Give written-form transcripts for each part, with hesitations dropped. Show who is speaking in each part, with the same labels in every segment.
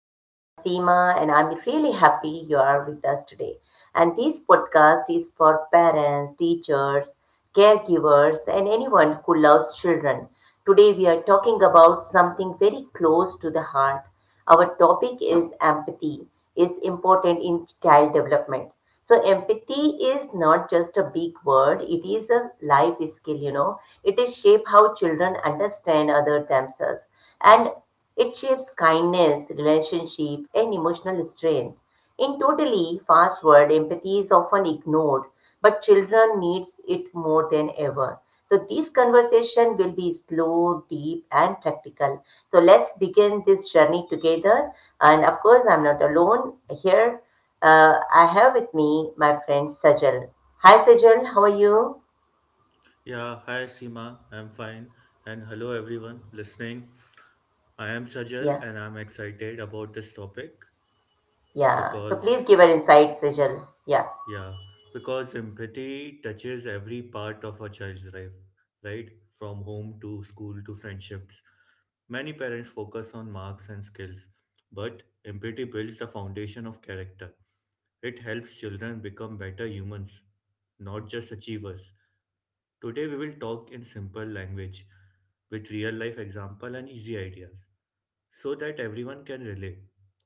Speaker 1: and I'm Seema and I'm really happy you are with us today. And this podcast is for parents, teachers, caregivers and anyone who loves children. Today we are talking about something very close to the heart. Our topic is empathy is important in child development. So empathy is not just a big word, it is a life skill, It is shape how children understand other themselves and it shapes kindness, relationship and emotional strength. In totally fast world, empathy is often ignored but children needs it more than ever. So this conversation will be slow, deep, and practical. So let's begin this journey together. And of course, I'm not alone here. I have with me my friend Sajal. Hi, Sajal. How are you?
Speaker 2: Yeah, hi Seema, I'm fine. And hello everyone listening. I am Sajal
Speaker 1: Yeah,
Speaker 2: and I'm excited about this topic
Speaker 1: yeah. So please
Speaker 2: because,
Speaker 1: give her insight, Sajal. Yeah.
Speaker 2: yeah, because empathy touches every part of a child's life, right? From home to school to friendships. Many parents focus on marks and skills, but empathy builds the foundation of character. It helps children become better humans, not just achievers. Today we will talk in simple language with real life example and easy ideas so that everyone can relate.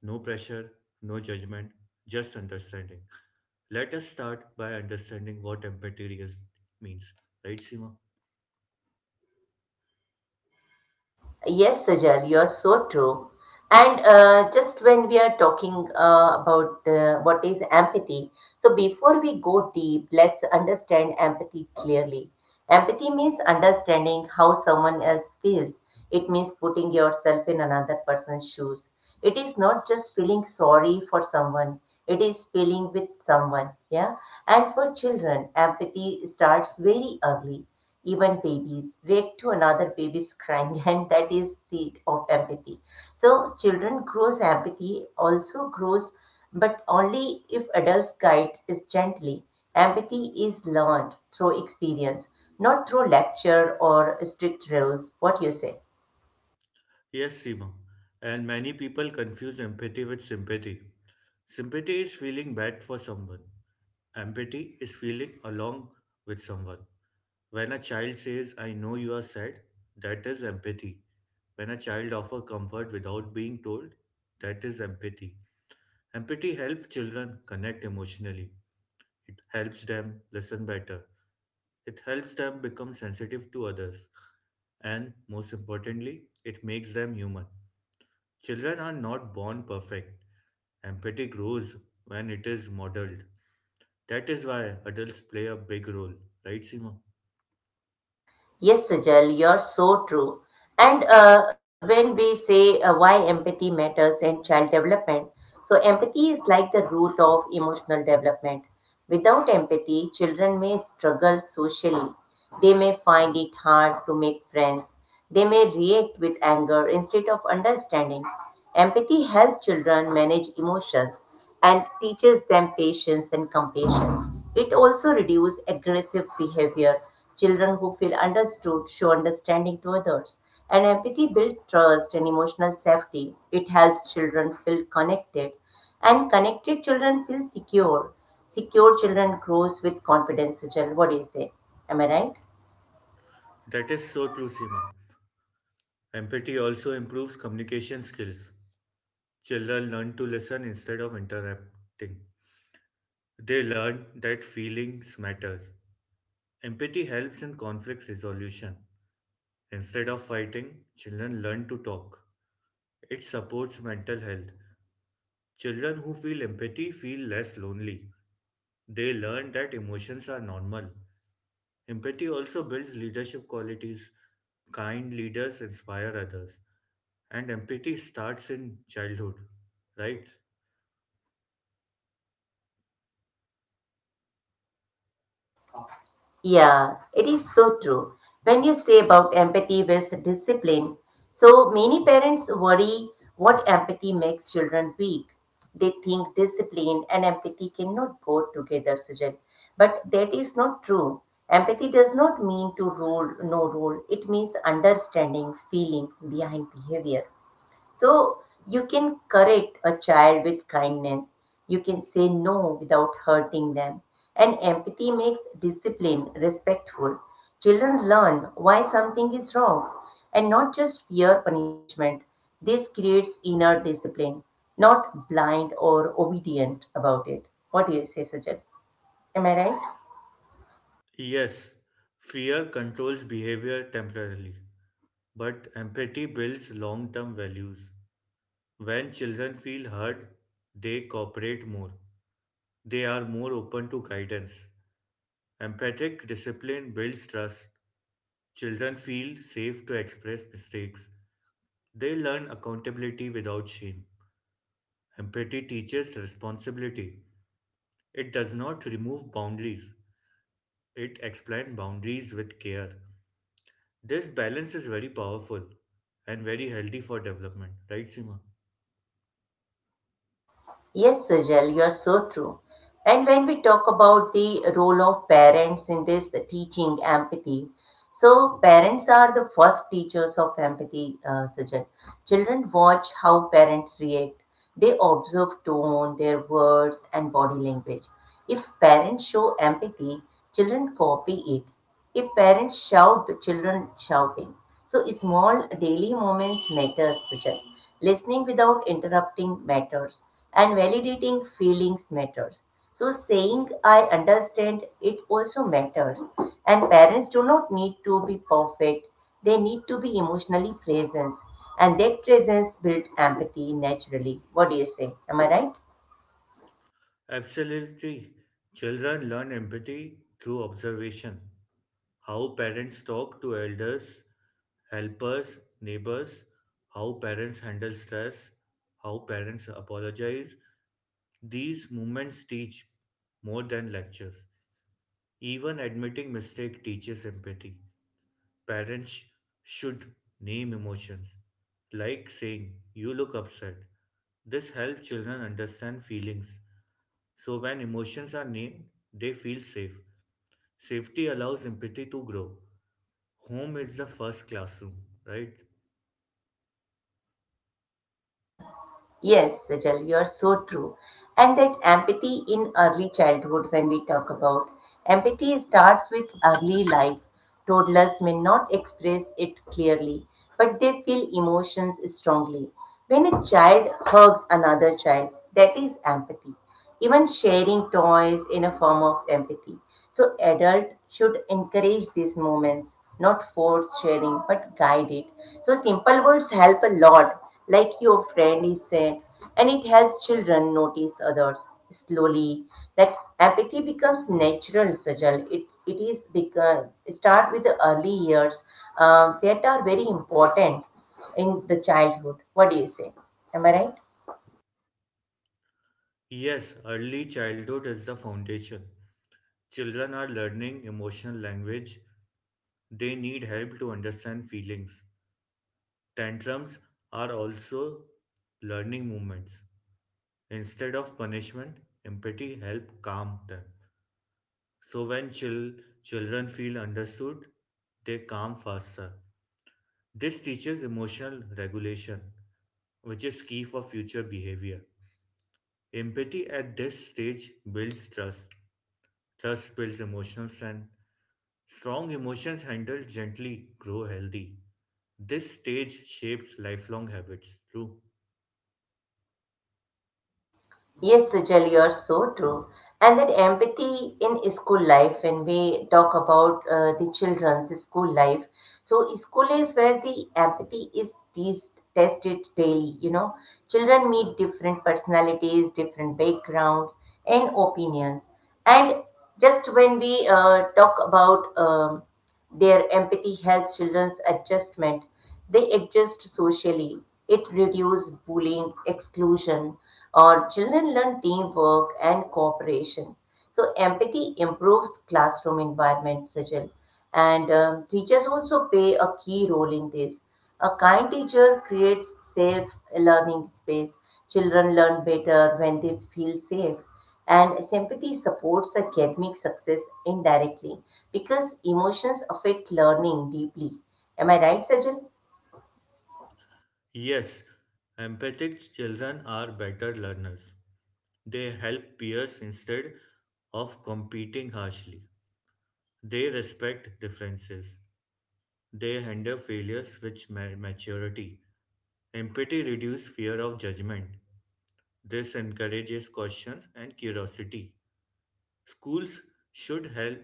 Speaker 2: No pressure, no judgment, just understanding. Let us start by understanding what empathy really means, right Seema?
Speaker 1: Yes, Sajal, you're so true. And just when we are talking about what is empathy, so before we go deep, let's understand empathy clearly. Empathy means understanding how someone else feels. It means putting yourself in another person's shoes. It is not just feeling sorry for someone, it is feeling with someone. Yeah. And for children, empathy starts very early, even babies react to another baby's crying and that is seed of empathy. So children grows, empathy also grows, but only if adults guide it gently. Empathy is learned through experience, not through lecture or strict rules. What you say?
Speaker 2: Yes, Seema. And many people confuse empathy with sympathy. Sympathy is feeling bad for someone. Empathy is feeling along with someone. When a child says, I know you are sad, that is empathy. When a child offers comfort without being told, that is empathy. Empathy helps children connect emotionally. It helps them listen better. It helps them become sensitive to others. And most importantly, it makes them human. Children are not born perfect. Empathy grows when it is modeled. That is why adults play a big role, right, Seema?
Speaker 1: Yes, Sajal, you're so true. And when we say why empathy matters in child development, so empathy is like the root of emotional development. Without empathy, children may struggle socially. They may find it hard to make friends. They may react with anger instead of understanding. Empathy helps children manage emotions and teaches them patience and compassion. It also reduces aggressive behavior. Children who feel understood show understanding to others. And empathy builds trust and emotional safety. It helps children feel connected. And connected children feel secure. Secure children grows with confidence, Sujal. What do you say? Am I right?
Speaker 2: That is so true, Seema. Empathy also improves communication skills. Children learn to listen instead of interrupting. They learn that feelings matters. Empathy helps in conflict resolution. Instead of fighting, children learn to talk. It supports mental health. Children who feel empathy feel less lonely. They learn that emotions are normal. Empathy also builds leadership qualities. Kind leaders inspire others. And empathy starts in childhood, right?
Speaker 1: Yeah, it is so true. When you say about empathy with discipline, so many parents worry what empathy makes children weak. They think discipline and empathy cannot go together, Sujal. But that is not true. Empathy does not mean to rule, no rule. It means understanding feelings behind behavior. So you can correct a child with kindness. You can say no without hurting them. And empathy makes discipline respectful. Children learn why something is wrong and not just fear punishment. This creates inner discipline, not blind or obedient about it. What do you say, Sajid? Am I right?
Speaker 2: Yes, fear controls behavior temporarily, but empathy builds long term values. When children feel heard, they cooperate more. They are more open to guidance. Empathic discipline builds trust. Children feel safe to express mistakes. They learn accountability without shame. Empathy teaches responsibility. It does not remove boundaries, it explains boundaries with care. This balance is very powerful and very healthy for development, right, Seema?
Speaker 1: Yes, Sajal, you're so true. And when we talk about the role of parents in this teaching empathy, so parents are the first teachers of empathy, Sajal. Children watch how parents react. They observe tone, their words, and body language. If parents show empathy, children copy it. If parents shout, children shouting. So small daily moments matter, Sajal. Listening without interrupting matters, and validating feelings matters. So, saying I understand it also matters. And parents do not need to be perfect, they need to be emotionally present. And that presence builds empathy naturally. What do you say? Am I right?
Speaker 2: Absolutely. Children learn empathy through observation, how parents talk to elders, helpers, neighbors, how parents handle stress, how parents apologize. These movements teach more than lectures. Even admitting mistake teaches empathy. Parents should name emotions, like saying, You look upset. This helps children understand feelings, so when emotions are named, they feel safe. Safety allows empathy to grow. Home is the first classroom, right?
Speaker 1: Yes, Sajal, you are so true. And that empathy in early childhood, when we talk about empathy, starts with early life. Toddlers may not express it clearly, but they feel emotions strongly. When a child hugs another child, that is empathy, even sharing toys in a form of empathy. So adults should encourage these moments, not force sharing, but guide it. So simple words help a lot, like your friend is saying, and it helps children notice others slowly. That empathy becomes natural, Sajal. It is become start with the early years that are very important in the childhood. What do you say? Am I right?
Speaker 2: Yes, early childhood is the foundation. Children are learning emotional language. They need help to understand feelings. Tantrums are also learning movements. Instead of punishment, empathy helps calm them. So when children feel understood, they calm faster. This teaches emotional regulation, which is key for future behavior. Empathy at this stage builds trust. Trust builds emotional strength. Strong emotions handled gently grow healthy. This stage shapes lifelong habits. True.
Speaker 1: Yes, Sejal, you're so true. And that empathy in school life, when we talk about the children's school life, so school is where the empathy is tested daily. You know, children meet different personalities, different backgrounds, and opinions. And just when we talk about their empathy helps children's adjustment, they adjust socially. It reduces bullying, exclusion, or children learn teamwork and cooperation. So empathy improves classroom environment, Sajal. And teachers also play a key role in this. A kind teacher creates safe learning space. Children learn better when they feel safe. And sympathy supports academic success indirectly because emotions affect learning deeply. Am I right, Sajal?
Speaker 2: Yes, empathic children are better learners. They help peers instead of competing harshly. They respect differences. They handle failures with maturity. Empathy reduces fear of judgment. This encourages questions and curiosity. Schools should help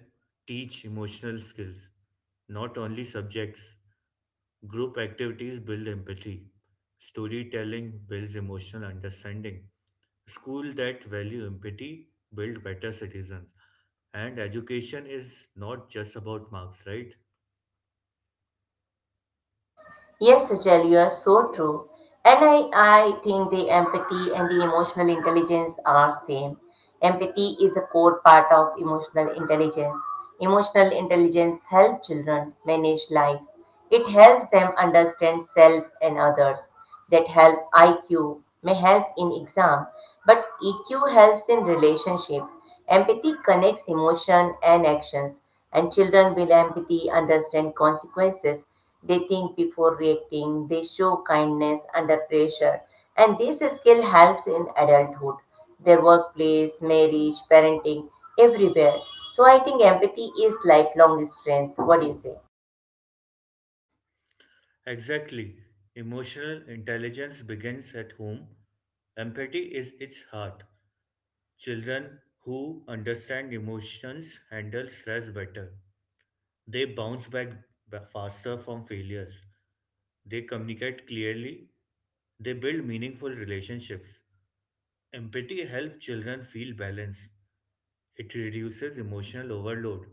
Speaker 2: teach emotional skills, not only subjects. Group activities build empathy. Storytelling builds emotional understanding. Schools that value empathy build better citizens. And education is not just about marks, right?
Speaker 1: Yes, Rachel, you are so true. And I think the empathy and the emotional intelligence are same. Empathy is a core part of emotional intelligence. Emotional intelligence helps children manage life. It helps them understand self and others. That help IQ may help in exam, but EQ helps in relationship. Empathy connects emotion and actions, and children with empathy understand consequences, they think before reacting, they show kindness under pressure, and this skill helps in adulthood, their workplace, marriage, parenting, everywhere. So I think empathy is lifelong strength. What do you say?
Speaker 2: Exactly. Emotional intelligence begins at home. Empathy is its heart. Children who understand emotions handle stress better. They bounce back faster from failures. They communicate clearly. They build meaningful relationships. Empathy helps children feel balance. It reduces emotional overload.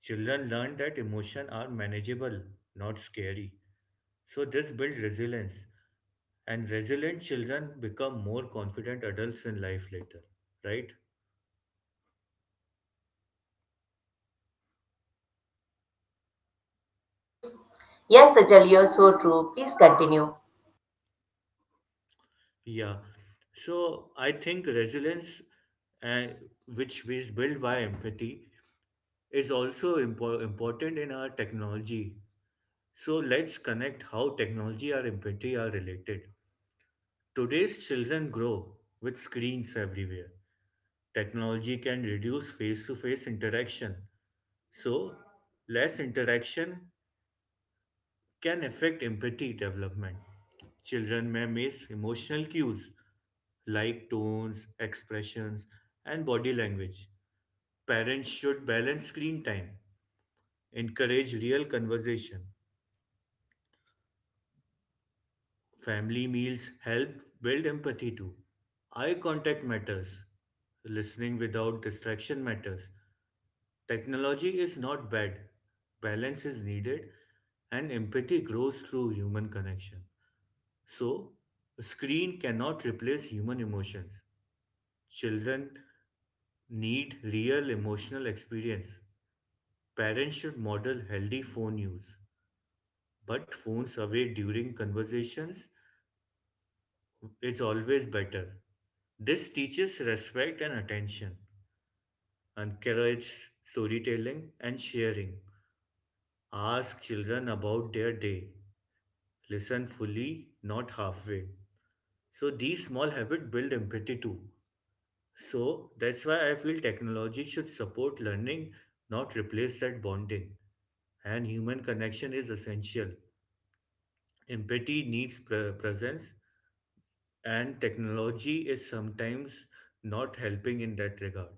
Speaker 2: Children learn that emotions are manageable, not scary. So this builds resilience, and resilient children become more confident adults in life later, right?
Speaker 1: Yes, Sajal, you're so true. Please continue.
Speaker 2: Yeah, so I think resilience, uh, which is built by empathy, is also important in our technology. So let's connect how technology and empathy are related. Today's children grow with screens everywhere. Technology can reduce face-to-face interaction, so less interaction can affect empathy development. Children may miss emotional cues like tones, expressions, and body language. Parents should balance screen time, encourage real conversation. Family meals help build empathy too. Eye contact matters. Listening without distraction matters. Technology is not bad. Balance is needed, and empathy grows through human connection. So, a screen cannot replace human emotions. Children need real emotional experience. Parents should model healthy phone use, but phones away during conversations, it's always better. This teaches respect and attention, encourages storytelling and sharing. Ask children about their day. Listen fully, not halfway. So these small habits build empathy too. So that's why I feel technology should support learning, not replace that bonding. And human connection is essential. Empathy needs presence, and technology is sometimes not helping in that regard.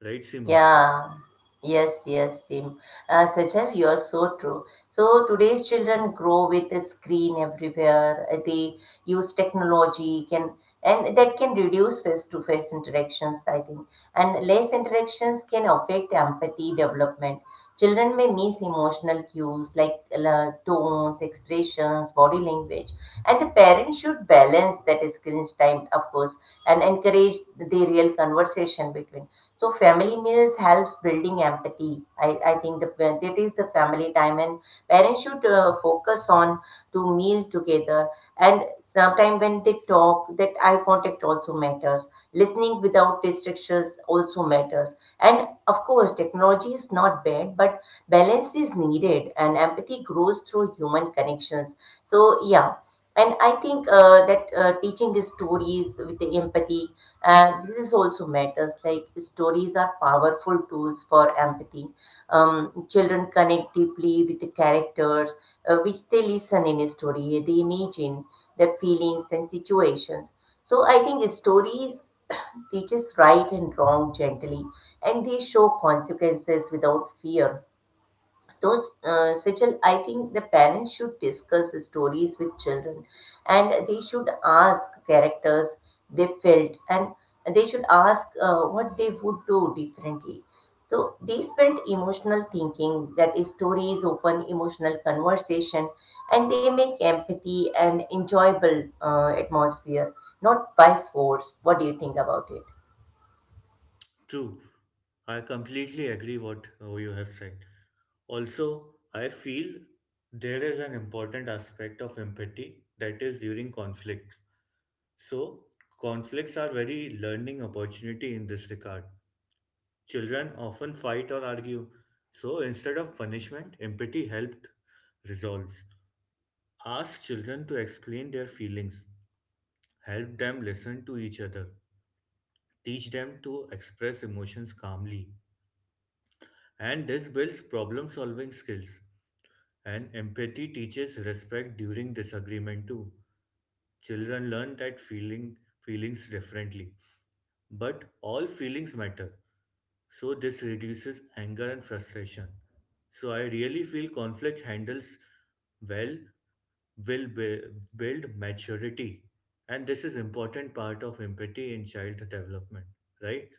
Speaker 2: Right, Sima?
Speaker 1: Yeah, yes, yes, Sim. Sajal, you're so true. So today's children grow with a screen everywhere. They use technology can and that can reduce face-to-face interactions, I think. And less interactions can affect empathy development. Children may miss emotional cues like tones, expressions, body language, and the parents should balance that screen time, of course, and encourage the real conversation between. So family meals helps building empathy. I think the it is the family time and parents should focus on to meal together and sometimes when they talk that eye contact also matters. Listening without distractions also matters. And of course technology is not bad but balance is needed and empathy grows through human connections. So yeah, and I think that teaching the stories with the empathy this also matters, like stories are powerful tools for empathy. um, children connect deeply with the characters which they listen in a story, they imagine their feelings and situations. So I think stories teaches right and wrong gently and they show consequences without fear. So, Sejal, I think the parents should discuss the stories with children and they should ask characters they felt and they should ask what they would do differently. So, they spend emotional thinking, that is, stories open emotional conversation and they make empathy and enjoyable atmosphere, not by force. What do you think about it?
Speaker 2: True. I completely agree what you have said. Also, I feel there is an important aspect of empathy that is during conflict. So, conflicts are very learning opportunity in this regard. Children often fight or argue, so instead of punishment, empathy helped resolves. Ask children to explain their feelings, help them listen to each other, teach them to express emotions calmly. And this builds problem solving skills. And empathy teaches respect during disagreement too. Children learn that feelings differently. But all feelings matter, so this reduces anger and frustration. So I really feel conflict handles well will build maturity, and this is important part of empathy in child development, right?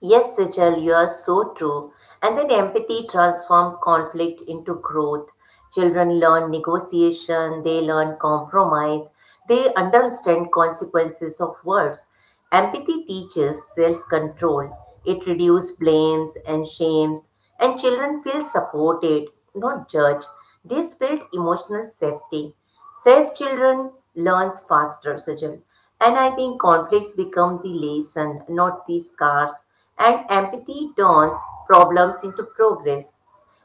Speaker 1: Yes, Sejal, you are so true. And then empathy transforms conflict into growth. Children learn negotiation, they learn compromise, they understand consequences of words. Empathy teaches self control, it reduces blames and shames, and children feel supported, not judged. This builds emotional safety. Safe children learns faster, Sajal. And I think conflicts become the lesson, not the scars. And empathy turns problems into progress.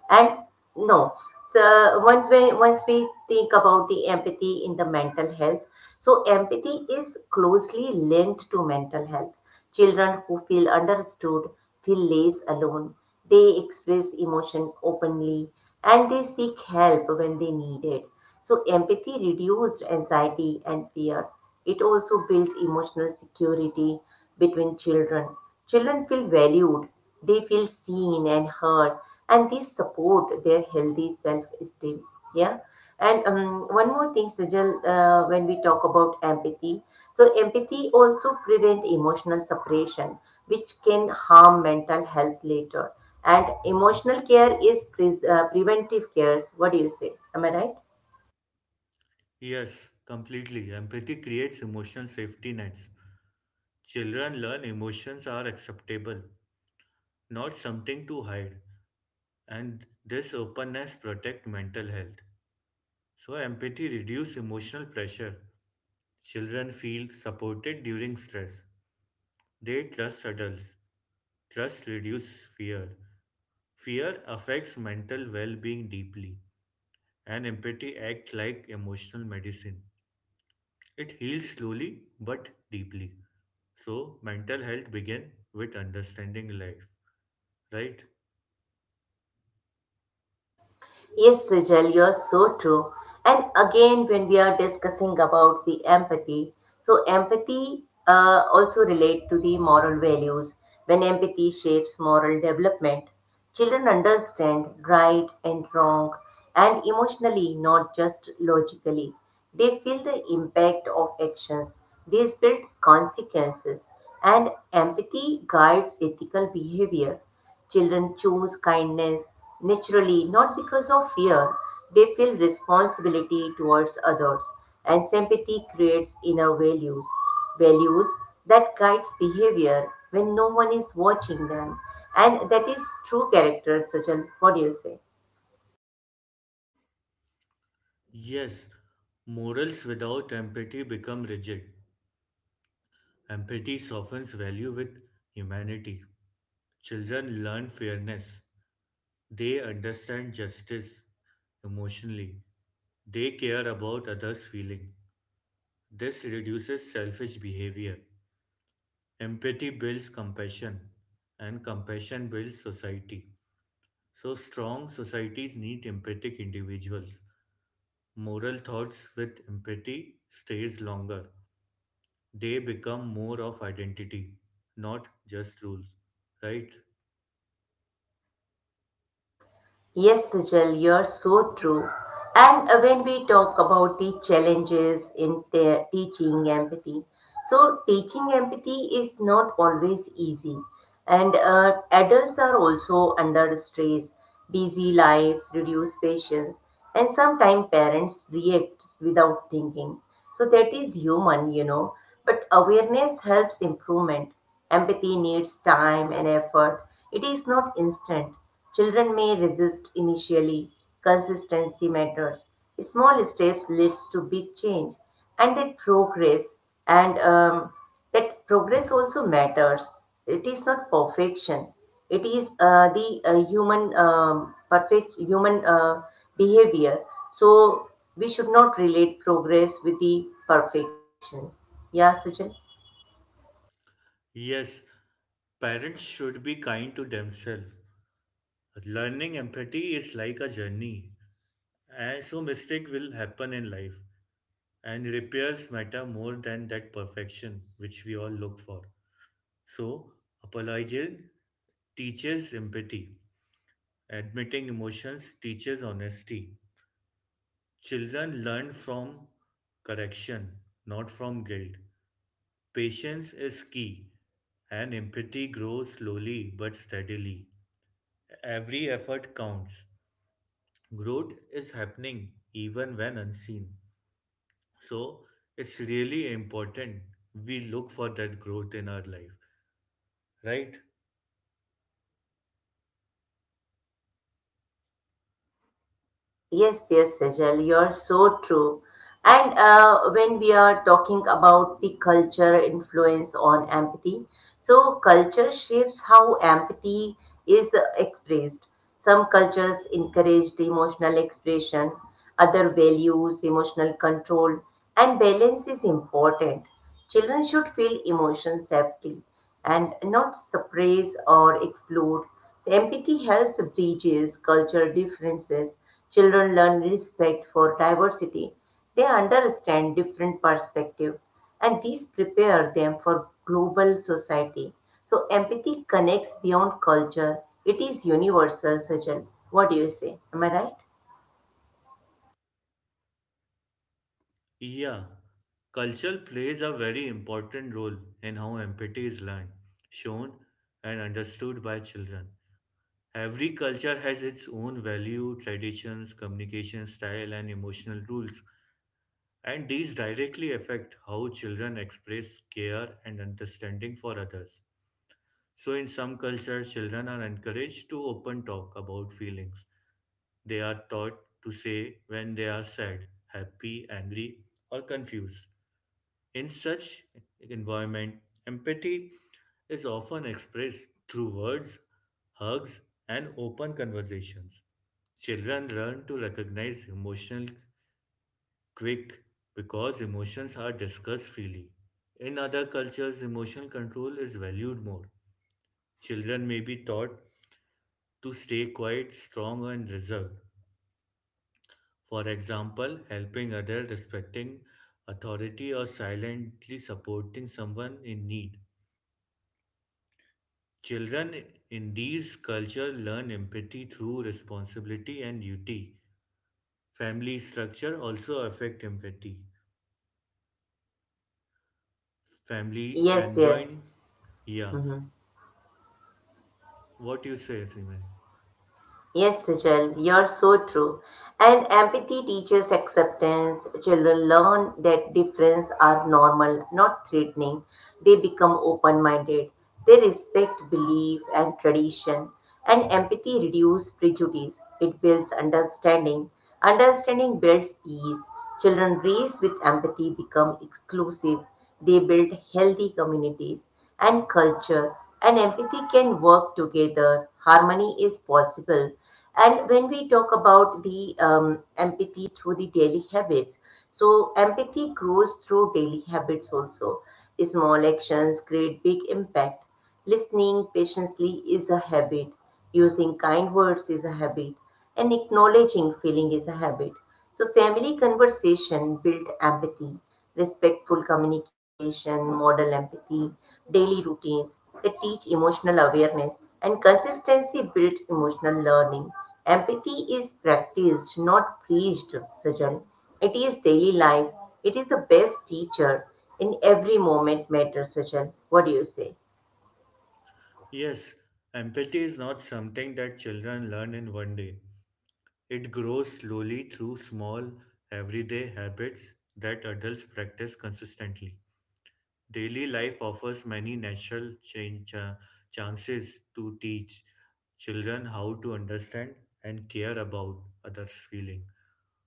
Speaker 1: And no, so once we think about the empathy in the mental health, so empathy is closely linked to mental health. Children who feel understood feel less alone. They express emotion openly and they seek help when they need it. So empathy reduced anxiety and fear. It also built emotional security between children. Children feel valued, they feel seen and heard, and these support their healthy self-esteem. Yeah. And one more thing, Sajal, when we talk about empathy, so empathy also prevent emotional separation, which can harm mental health later. And emotional care is preventive care. What do you say? Am I right?
Speaker 2: Yes, completely. Empathy creates emotional safety nets. Children learn emotions are acceptable, not something to hide, and this openness protect mental health. So, empathy reduces emotional pressure. Children feel supported during stress. They trust adults. Trust reduces fear. Fear affects mental well being deeply, and empathy acts like emotional medicine. It heals slowly but deeply. So, mental health begins with understanding life, right?
Speaker 1: Yes, Sejal, you're so true. And again, when we are discussing about the empathy, so empathy also relate to the moral values. When empathy shapes moral development, children understand right and wrong, and emotionally, not just logically. They feel the impact of actions. They build consequences, and empathy guides ethical behavior. Children choose kindness naturally, not because of fear. They feel responsibility towards others, and sympathy creates inner values, values that guides behavior when no one is watching them, and that is true character. Sachin, what do you say?
Speaker 2: Yes, morals without empathy become rigid. Empathy softens value with humanity. Children learn fairness. They understand justice emotionally. They care about others' feeling. This reduces selfish behavior. Empathy builds compassion, and compassion builds society. So, strong societies need empathic individuals. Moral thoughts with empathy stays longer. They become more of identity, not just rules. Right?
Speaker 1: Yes, Sijal, you're so true. And when we talk about the challenges in the teaching empathy, so teaching empathy is not always easy, and adults are also under stress, busy lives, reduced patience, and sometimes parents react without thinking. So that is human, you know. But awareness helps improvement. Empathy needs time and effort. It is not instant. Children may resist initially. Consistency matters. Small steps leads to big change, and that progress and that progress also matters. It is not perfection. It is the human perfect human behavior. So we should not relate progress with the perfection. Yeah, Sujal.
Speaker 2: Yes, parents should be kind to themselves. Learning empathy is like a journey, and so mistake will happen in life, and repairs matter more than that perfection which we all look for. So, apologizing teaches empathy. Admitting emotions teaches honesty. Children learn from correction, not from guilt. Patience is key, and empathy grows slowly but steadily. Every effort counts. Growth is happening even when unseen. So it's really important we look for that growth in our life, right?
Speaker 1: Yes, yes, Sejal, you're so true. And When we are talking about the culture influence on empathy, so culture shapes how empathy is expressed. Some cultures encourage the emotional expression, other values emotional control, and balance is important. Children should feel emotion safety and not suppress or exclude. Empathy helps bridges cultural differences. Children learn respect for diversity. They understand different perspectives and these prepare them for global society. So empathy connects beyond culture. It is universal, Sajal. What do you say? Am I right?
Speaker 2: Yeah. Culture plays a very important role in how empathy is learned, shown, and understood by children. Every culture has its own value, traditions, communication style, and emotional rules, and these directly affect how children express care and understanding for others. So, in some cultures, children are encouraged to open talk about feelings. They are taught to say when they are sad, happy, angry, or confused. In such environment, empathy is often expressed through words, hugs, and open conversations. Children learn to recognize emotional quick because emotions are discussed freely. In other cultures, emotional control is valued more. Children may be taught to stay quiet, strong, and reserved. For example, helping others, respecting authority, or silently supporting someone in need. Children in these cultures learn empathy through responsibility and duty. Family structure also affect empathy. Family
Speaker 1: Yes,
Speaker 2: and
Speaker 1: yes.
Speaker 2: joint, yeah.
Speaker 1: Mhm.
Speaker 2: What you say, Rima?
Speaker 1: Yes, Sujal, you're so true. And empathy teaches acceptance. Children learn that differences are normal, not threatening. They become open minded. They respect belief and tradition. And empathy reduces prejudice. It builds understanding. Understanding builds peace. Children raised with empathy become exclusive. They build healthy communities and culture and empathy can work together. Harmony is possible. And when we talk about the empathy through the daily habits, so empathy grows through daily habits also. Small actions create big impact. Listening patiently is a habit, using kind words is a habit, and acknowledging feeling is a habit. So, family conversation build empathy, respectful communication, model empathy, daily routines that teach emotional awareness, and consistency builds emotional learning. Empathy is practiced, not preached, Sajal. It is daily life. It is the best teacher in every moment matters, Sajal. What do you say?
Speaker 2: Yes, empathy is not something that children learn in one day. It grows slowly through small, everyday habits that adults practice consistently. Daily life offers many natural chances to teach children how to understand and care about others' feeling.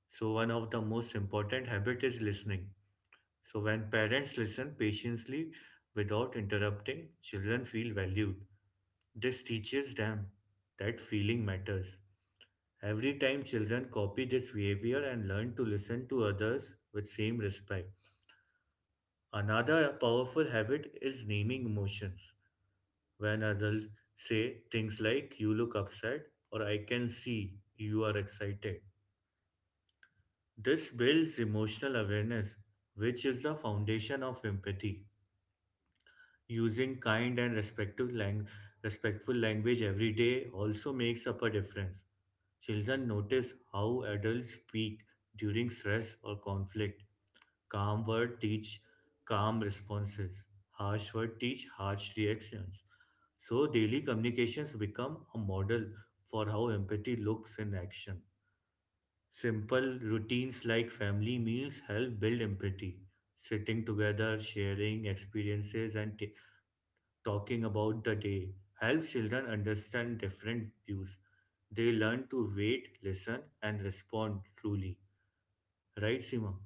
Speaker 2: So one of the most important habit is listening. So when parents listen patiently without interrupting, children feel valued. This teaches them that feeling matters. Every time children copy this behavior and learn to listen to others with same respect. Another powerful habit is naming emotions. When adults say things like you look upset or I can see you are excited. This builds emotional awareness which is the foundation of empathy. Using kind and respectful language every day also makes up a difference. Children notice how adults speak during stress or conflict. Calm words teach calm responses. Harsh words teach harsh reactions. So daily communications become a model for how empathy looks in action. Simple routines like family meals help build empathy. Sitting together, sharing experiences, and talking about the day helps children understand different views. They learn to wait, listen, and respond truly. Right, Sima?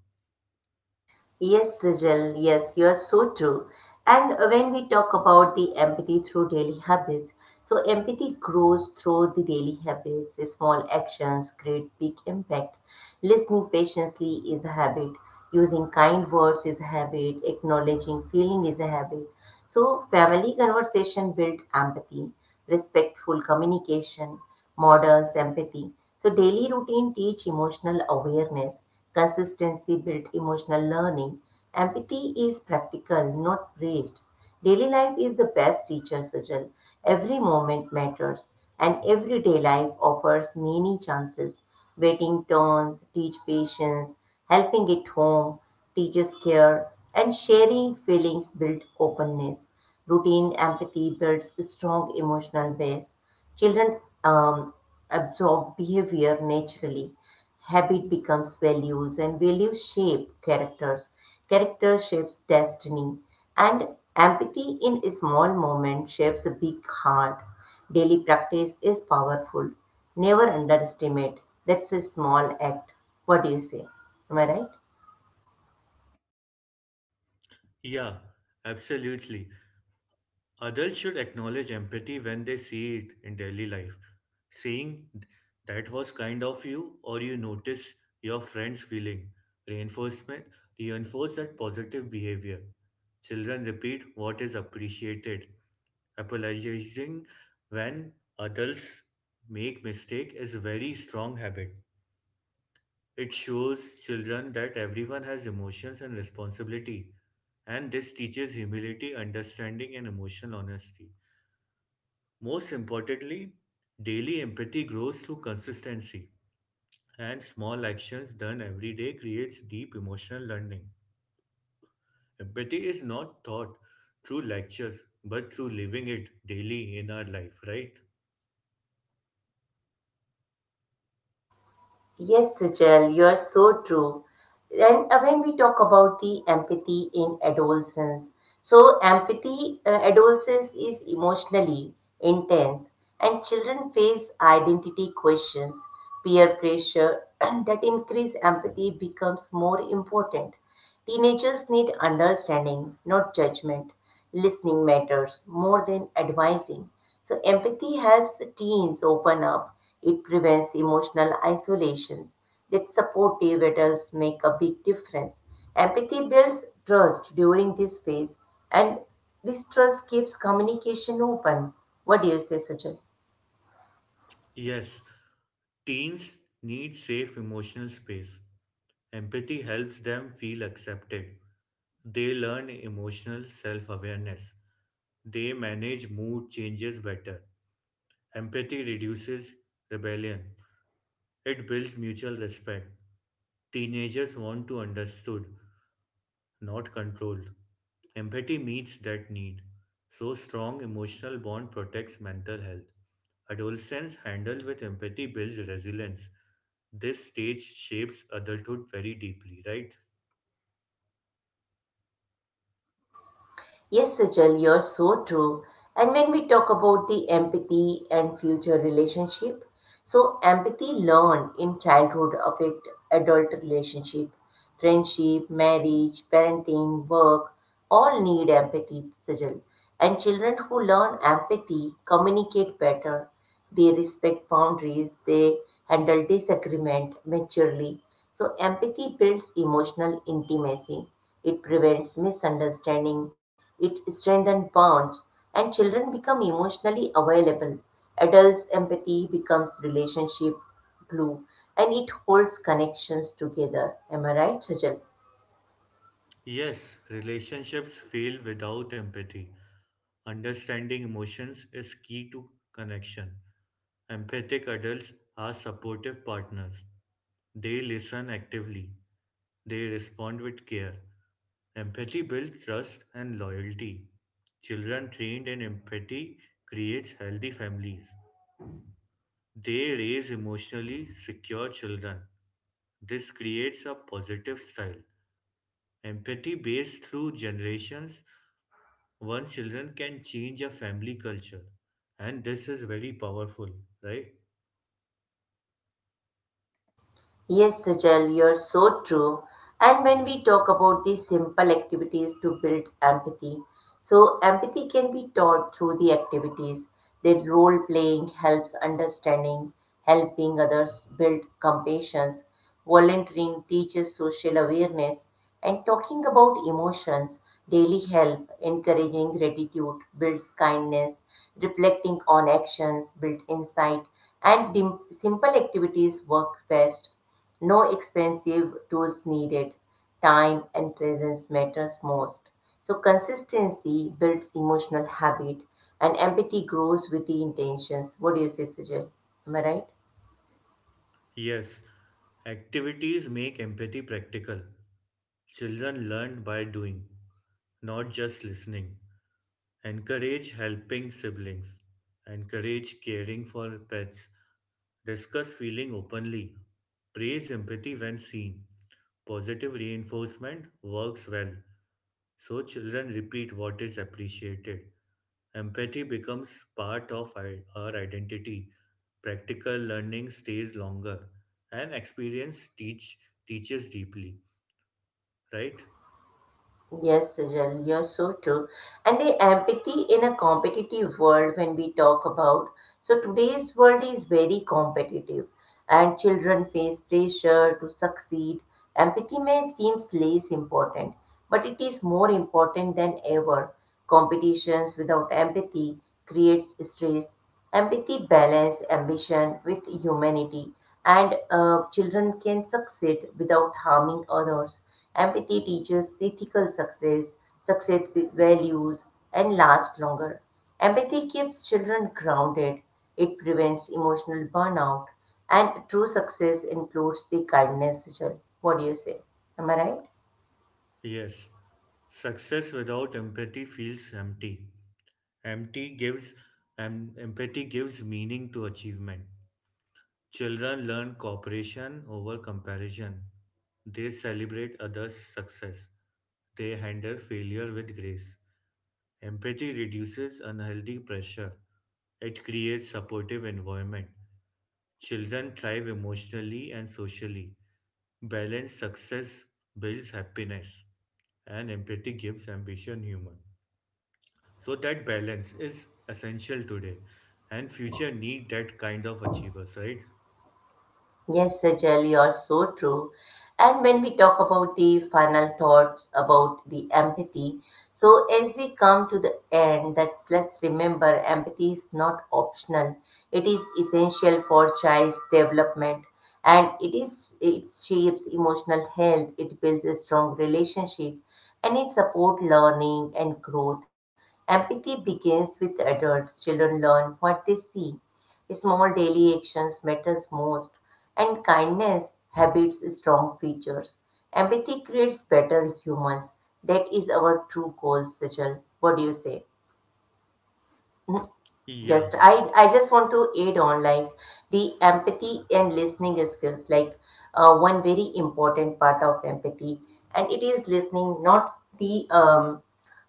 Speaker 1: Yes, Sijal, yes, you are so true. And when we talk about the empathy through daily habits, so empathy grows through the daily habits. The Small actions create big impact. Listening patiently is a habit. Using kind words is a habit. Acknowledging feeling is a habit. So family conversation build empathy, respectful communication, models empathy. So daily routine teach emotional awareness. Consistency built emotional learning. Empathy is practical, not praised. Daily life is the best teacher, Sajal. Every moment matters, and everyday life offers many chances. Waiting turns teach patience, helping at home teaches care, and sharing feelings builds openness. Routine empathy builds a strong emotional base. Children absorb behavior naturally, habit becomes values and values shape characters, character shapes destiny, and empathy in a small moment shapes a big heart. Daily practice is powerful. Never underestimate that's a small act. What do you say? Am I right?
Speaker 2: Yeah, absolutely. Adults should acknowledge empathy when they see it in daily life. Saying that was kind of you or you notice your friend's feeling reinforcement reinforce that positive behavior. Children repeat what is appreciated. Apologizing when adults make mistake is a very strong habit. It shows children that everyone has emotions and responsibility and this teaches humility, understanding and emotional honesty. Most importantly, daily empathy grows through consistency, and small actions done every day creates deep emotional learning. Empathy is not taught through lectures, but through living it daily in our life, right?
Speaker 1: Yes, Sejal, you are so true. And when we talk about the empathy in adolescence, so empathy adolescence is emotionally intense, and children face identity questions, peer pressure, and that increase empathy becomes more important. Teenagers need understanding, not judgment. Listening matters more than advising. So, empathy helps teens open up. It prevents emotional isolations. That supportive adults make a big difference. Empathy builds trust during this phase, and this trust keeps communication open. What do you say, Sajal?
Speaker 2: Yes, teens need safe emotional space. Empathy helps them feel accepted. They learn emotional self awareness. They manage mood changes better. Empathy reduces rebellion. It builds mutual respect. Teenagers want to understood, not controlled. Empathy meets that need. So strong emotional bond protects mental health. Adolescence handled with empathy builds resilience. This stage shapes adulthood very deeply, right?
Speaker 1: Yes, Sajal, you're so true. And when we talk about the empathy and future relationship, so empathy learned in childhood affect adult relationship, friendship, marriage, parenting, work, all need empathy, Sajal. And children who learn empathy communicate better. They respect boundaries, they handle disagreement maturely, so, empathy builds emotional intimacy, it prevents misunderstanding, it strengthens bonds, and children become emotionally available. Adults' empathy becomes relationship glue and it holds connections together. Am I right, Sajal?
Speaker 2: Yes, relationships fail without empathy. Understanding emotions is key to connection. Empathic adults are supportive partners. They listen actively. They respond with care. Empathy builds trust and loyalty. Children trained in empathy creates healthy families. They raise emotionally secure children. This creates a positive style. Empathy based through generations, one's children can change a family culture. And this is very powerful, right?
Speaker 1: Yes, Sajal, you're so true. And when we talk about these simple activities to build empathy, so empathy can be taught through the activities. That role playing helps understanding, helping others build compassion. Volunteering teaches social awareness and talking about emotions daily help. Encouraging gratitude builds kindness. Reflecting on actions builds insight. And simple activities work best. No expensive tools needed. Time and presence matters most. So consistency builds emotional habit and empathy grows with the intentions. What do you say, Sujal? Am I right?
Speaker 2: Yes, activities make empathy practical. Children learn by doing, not just listening. Encourage helping siblings. Encourage caring for pets. Discuss feeling openly. Praise empathy when seen. Positive reinforcement works well. So children repeat what is appreciated. Empathy becomes part of our identity. Practical learning stays longer, and experience teaches deeply. Right?
Speaker 1: Yes, Jen, you're so true. And the empathy in a competitive world, when we talk about, so today's world is very competitive, and children face pressure to succeed. Empathy may seems less important, but it is more important than ever. Competitions without empathy creates stress. Empathy balance ambition with humanity, and children can succeed without harming others. Empathy teaches ethical success, success with values, and lasts longer. Empathy keeps children grounded. It prevents emotional burnout, and true success includes the kindness. Rachel. What do you say? Am I right?
Speaker 2: Yes. Success without empathy feels empty. Empty gives Empathy gives meaning to achievement. Children learn cooperation over comparison. They celebrate others' success. They handle failure with grace. Empathy reduces unhealthy pressure. It creates supportive environment. Children thrive emotionally and socially. Balanced success builds happiness and empathy gives ambition human. So that balance is essential today and future need that kind of achievers, right?
Speaker 1: Yes, Sajal, you're so true. And when we talk about the final thoughts about the empathy, so as we come to the end, that let's remember empathy is not optional. It is essential for child's development and it shapes emotional health, it builds a strong relationship and it supports learning and growth. Empathy begins with adults. Children learn what they see. Small daily actions matters most, and kindness habits strong features. Empathy creates better humans. That is our true goal, Sejal. What do you say?
Speaker 2: Yeah,
Speaker 1: I just want to add on like the empathy and listening skills, like one very important part of empathy, and it is listening, not the um,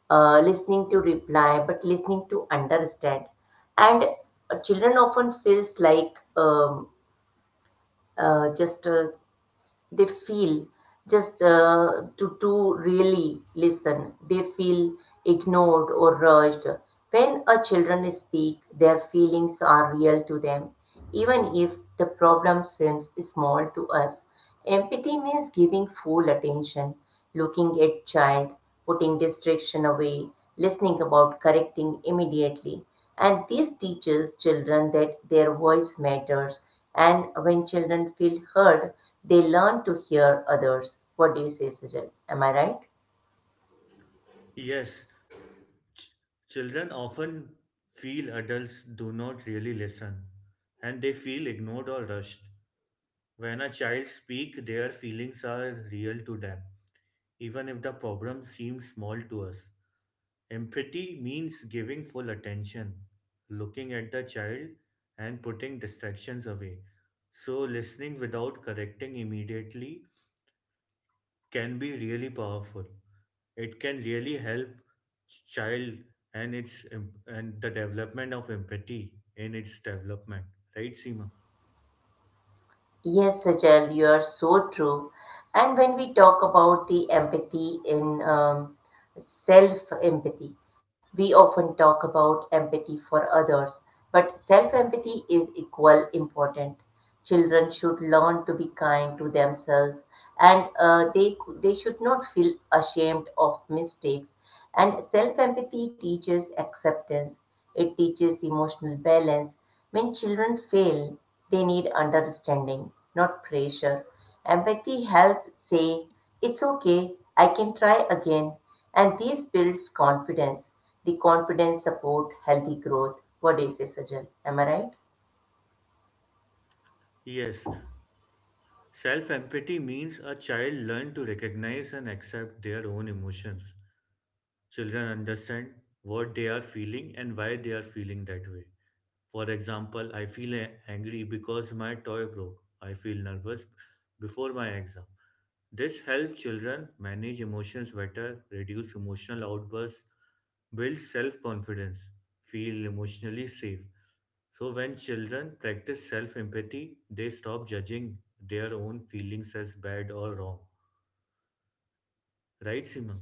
Speaker 1: uh, listening to reply, but listening to understand. And children often feels like just they feel just to really listen they feel ignored or rushed. When a children speak their feelings are real to them, even if the problem seems small to us. Empathy means giving full attention, looking at child, putting distraction away, listening about correcting immediately, and this teaches children that their voice matters. And when children feel heard, they learn to hear others. What do you say, Sajal? Am I right?
Speaker 2: yes. Ch- Children often feel adults do not really listen and they feel ignored or rushed. When a child speaks, their feelings are real to them, even if the problem seems small to us. Empathy means giving full attention, looking at the child, and putting distractions away. So, listening without correcting immediately can be really powerful. It can really help child and and the development of empathy in its development. Right, Seema?
Speaker 1: Yes, Sajal, you are so true. And when we talk about the empathy in self empathy, we often talk about empathy for others, but self empathy is equal important. Children should learn to be kind to themselves, and they should not feel ashamed of mistakes. And self empathy teaches acceptance, it teaches emotional balance. When children fail, they need understanding, not pressure. Empathy helps say, It's okay, I can try again. And this builds confidence. The confidence support healthy growth. What do you say, Sajal? Am I right?
Speaker 2: Yes. Self empathy means a child learns to recognize and accept their own emotions. Children understand what they are feeling and why they are feeling that way. For example, I feel angry because my toy broke. I feel nervous before my exam. This helps children manage emotions better, reduce emotional outbursts, build self confidence, feel emotionally safe. So, when children practice self empathy, they stop judging their own feelings as bad or wrong. Right, Simon?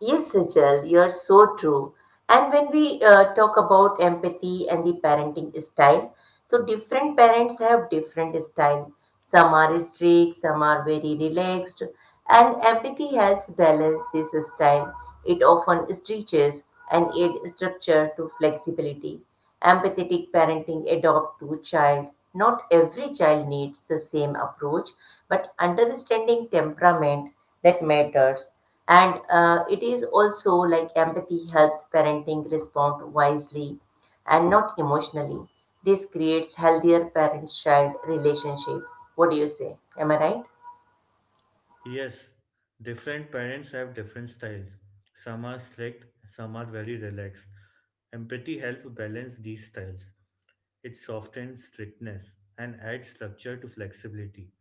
Speaker 1: Yes, Sejal, you're so true. And when we talk about empathy and the parenting style, so different parents have different style. Some are strict, some are very relaxed, and empathy helps balance this style. It often stretches and aid structure to flexibility. Empathetic parenting adopt to child. Not every child needs the same approach, but understanding temperament that matters, and it is also like empathy helps parenting respond wisely and not emotionally. This creates healthier parent-child relationship. What do you say? Am I right?
Speaker 2: Yes, different parents have different styles. Some are strict, some are very relaxed. Empathy helps balance these styles. It softens strictness and adds structure to flexibility.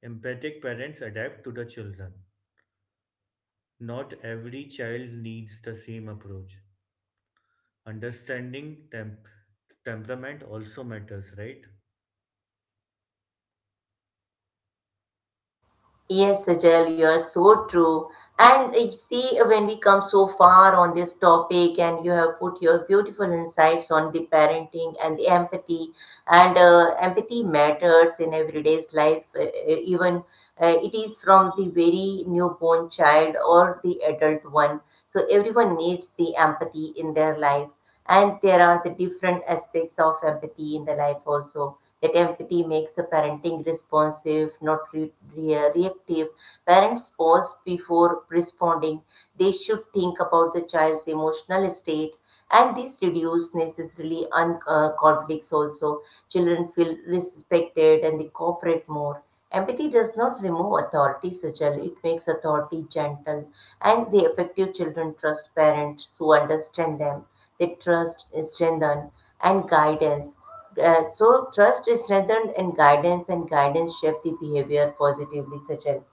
Speaker 2: Empathic parents adapt to the children. Not every child needs the same approach. Understanding temperament also matters, right?
Speaker 1: Yes, Sajal, you are so true. And see, when we come so far on this topic, and you have put your beautiful insights on the parenting and the empathy, and empathy matters in everyday's life, even it is from the very newborn child or the adult one. So everyone needs the empathy in their life and there are the different aspects of empathy in the life also that empathy makes the parenting responsive not reactive. Parents pause before responding, they should think about the child's emotional state and this reduces necessarily conflicts also. Children feel respected and they cooperate more. Empathy does not remove authority, Sajal. It makes authority gentle. And the effective children trust parents who understand them. They trust, is strengthened, and guidance. So, trust is strengthened, and guidance shape the behavior positively, Sajal.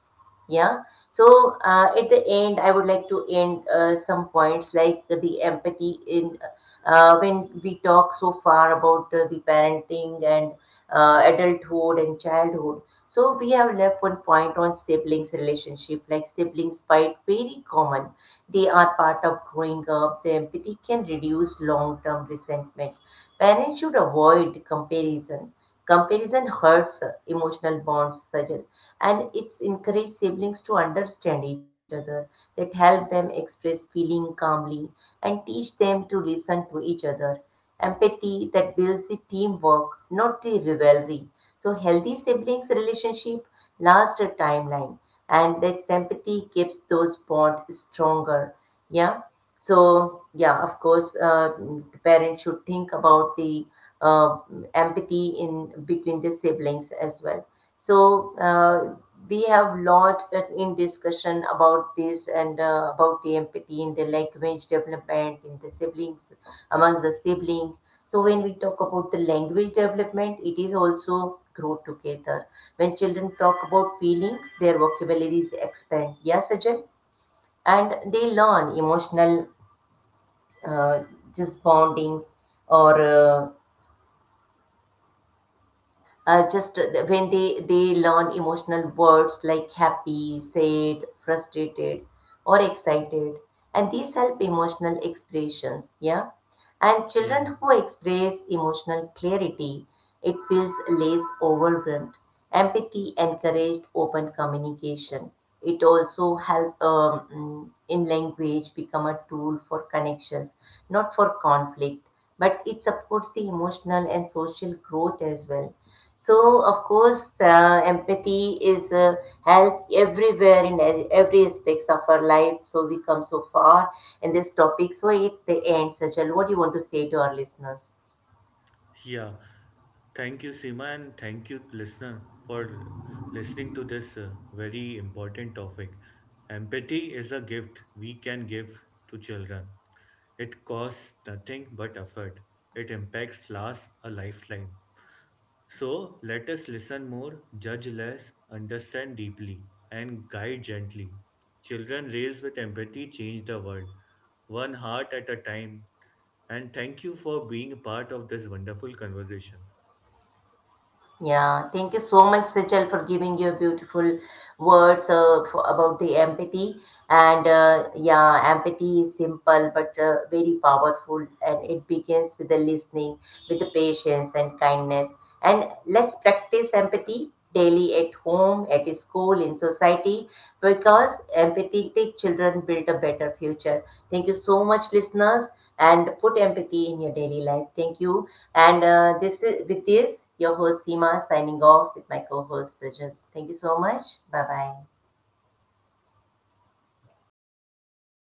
Speaker 1: Yeah. So at the end, I would like to end some points like the empathy in when we talk so far about the parenting and adulthood and childhood. So we have left one point on siblings relationship. Like siblings fight, very common. They are part of growing up. The empathy can reduce long term resentment. Parents should avoid comparison. Comparison hurts emotional bonds, Sajal, and it's encouraged siblings to understand each other, that help them express feeling calmly and teach them to listen to each other. Empathy that builds the teamwork, not the rivalry. So healthy siblings relationship lasts a timeline, and that sympathy keeps those bonds stronger. Yeah. So, yeah, of course, the parents should think about the uh, empathy in between the siblings as well. So, we have lot in discussion about this and about the empathy in the language development in the siblings among the siblings. So, when we talk about the language development, it is also grow together. When children talk about feelings, their vocabularies expand. Yes, Ajay? And they learn emotional uh, just bonding or just when they learn emotional words like happy, sad, frustrated, or excited, and these help emotional expressions. Yeah, and
Speaker 2: Yeah,
Speaker 1: children who express emotional clarity it feels less overwhelmed. Empathy encouraged open communication. It also help in language become a tool for connections, not for conflict, but it supports the emotional and social growth as well. So, of course, empathy is help everywhere in every aspects of our life. So we come so far in this topic. So it the end, Sajal. What do you want to say to our listeners?
Speaker 2: yeah. Thank you, Seema, and thank you, listener, for listening to this very important topic. Empathy is a gift we can give to children. It costs nothing but effort. It impacts lasts a lifetime. So let us listen more, judge less, understand deeply, and guide gently. Children raised with empathy change the world, one heart at a time. And thank you for being a part of this wonderful conversation.
Speaker 1: Yeah, thank you so much, Sejal, for giving your beautiful words for, about the empathy. And yeah, empathy is simple but very powerful, and it begins with the listening, with the patience and kindness. And let's practice empathy daily at home, at school, in society, because empathetic children build a better future. Thank you so much, listeners, and put empathy in your daily life. Thank you. And this is, with this, your host Seema signing off with my co-host Sajid. Thank you so much. Bye bye.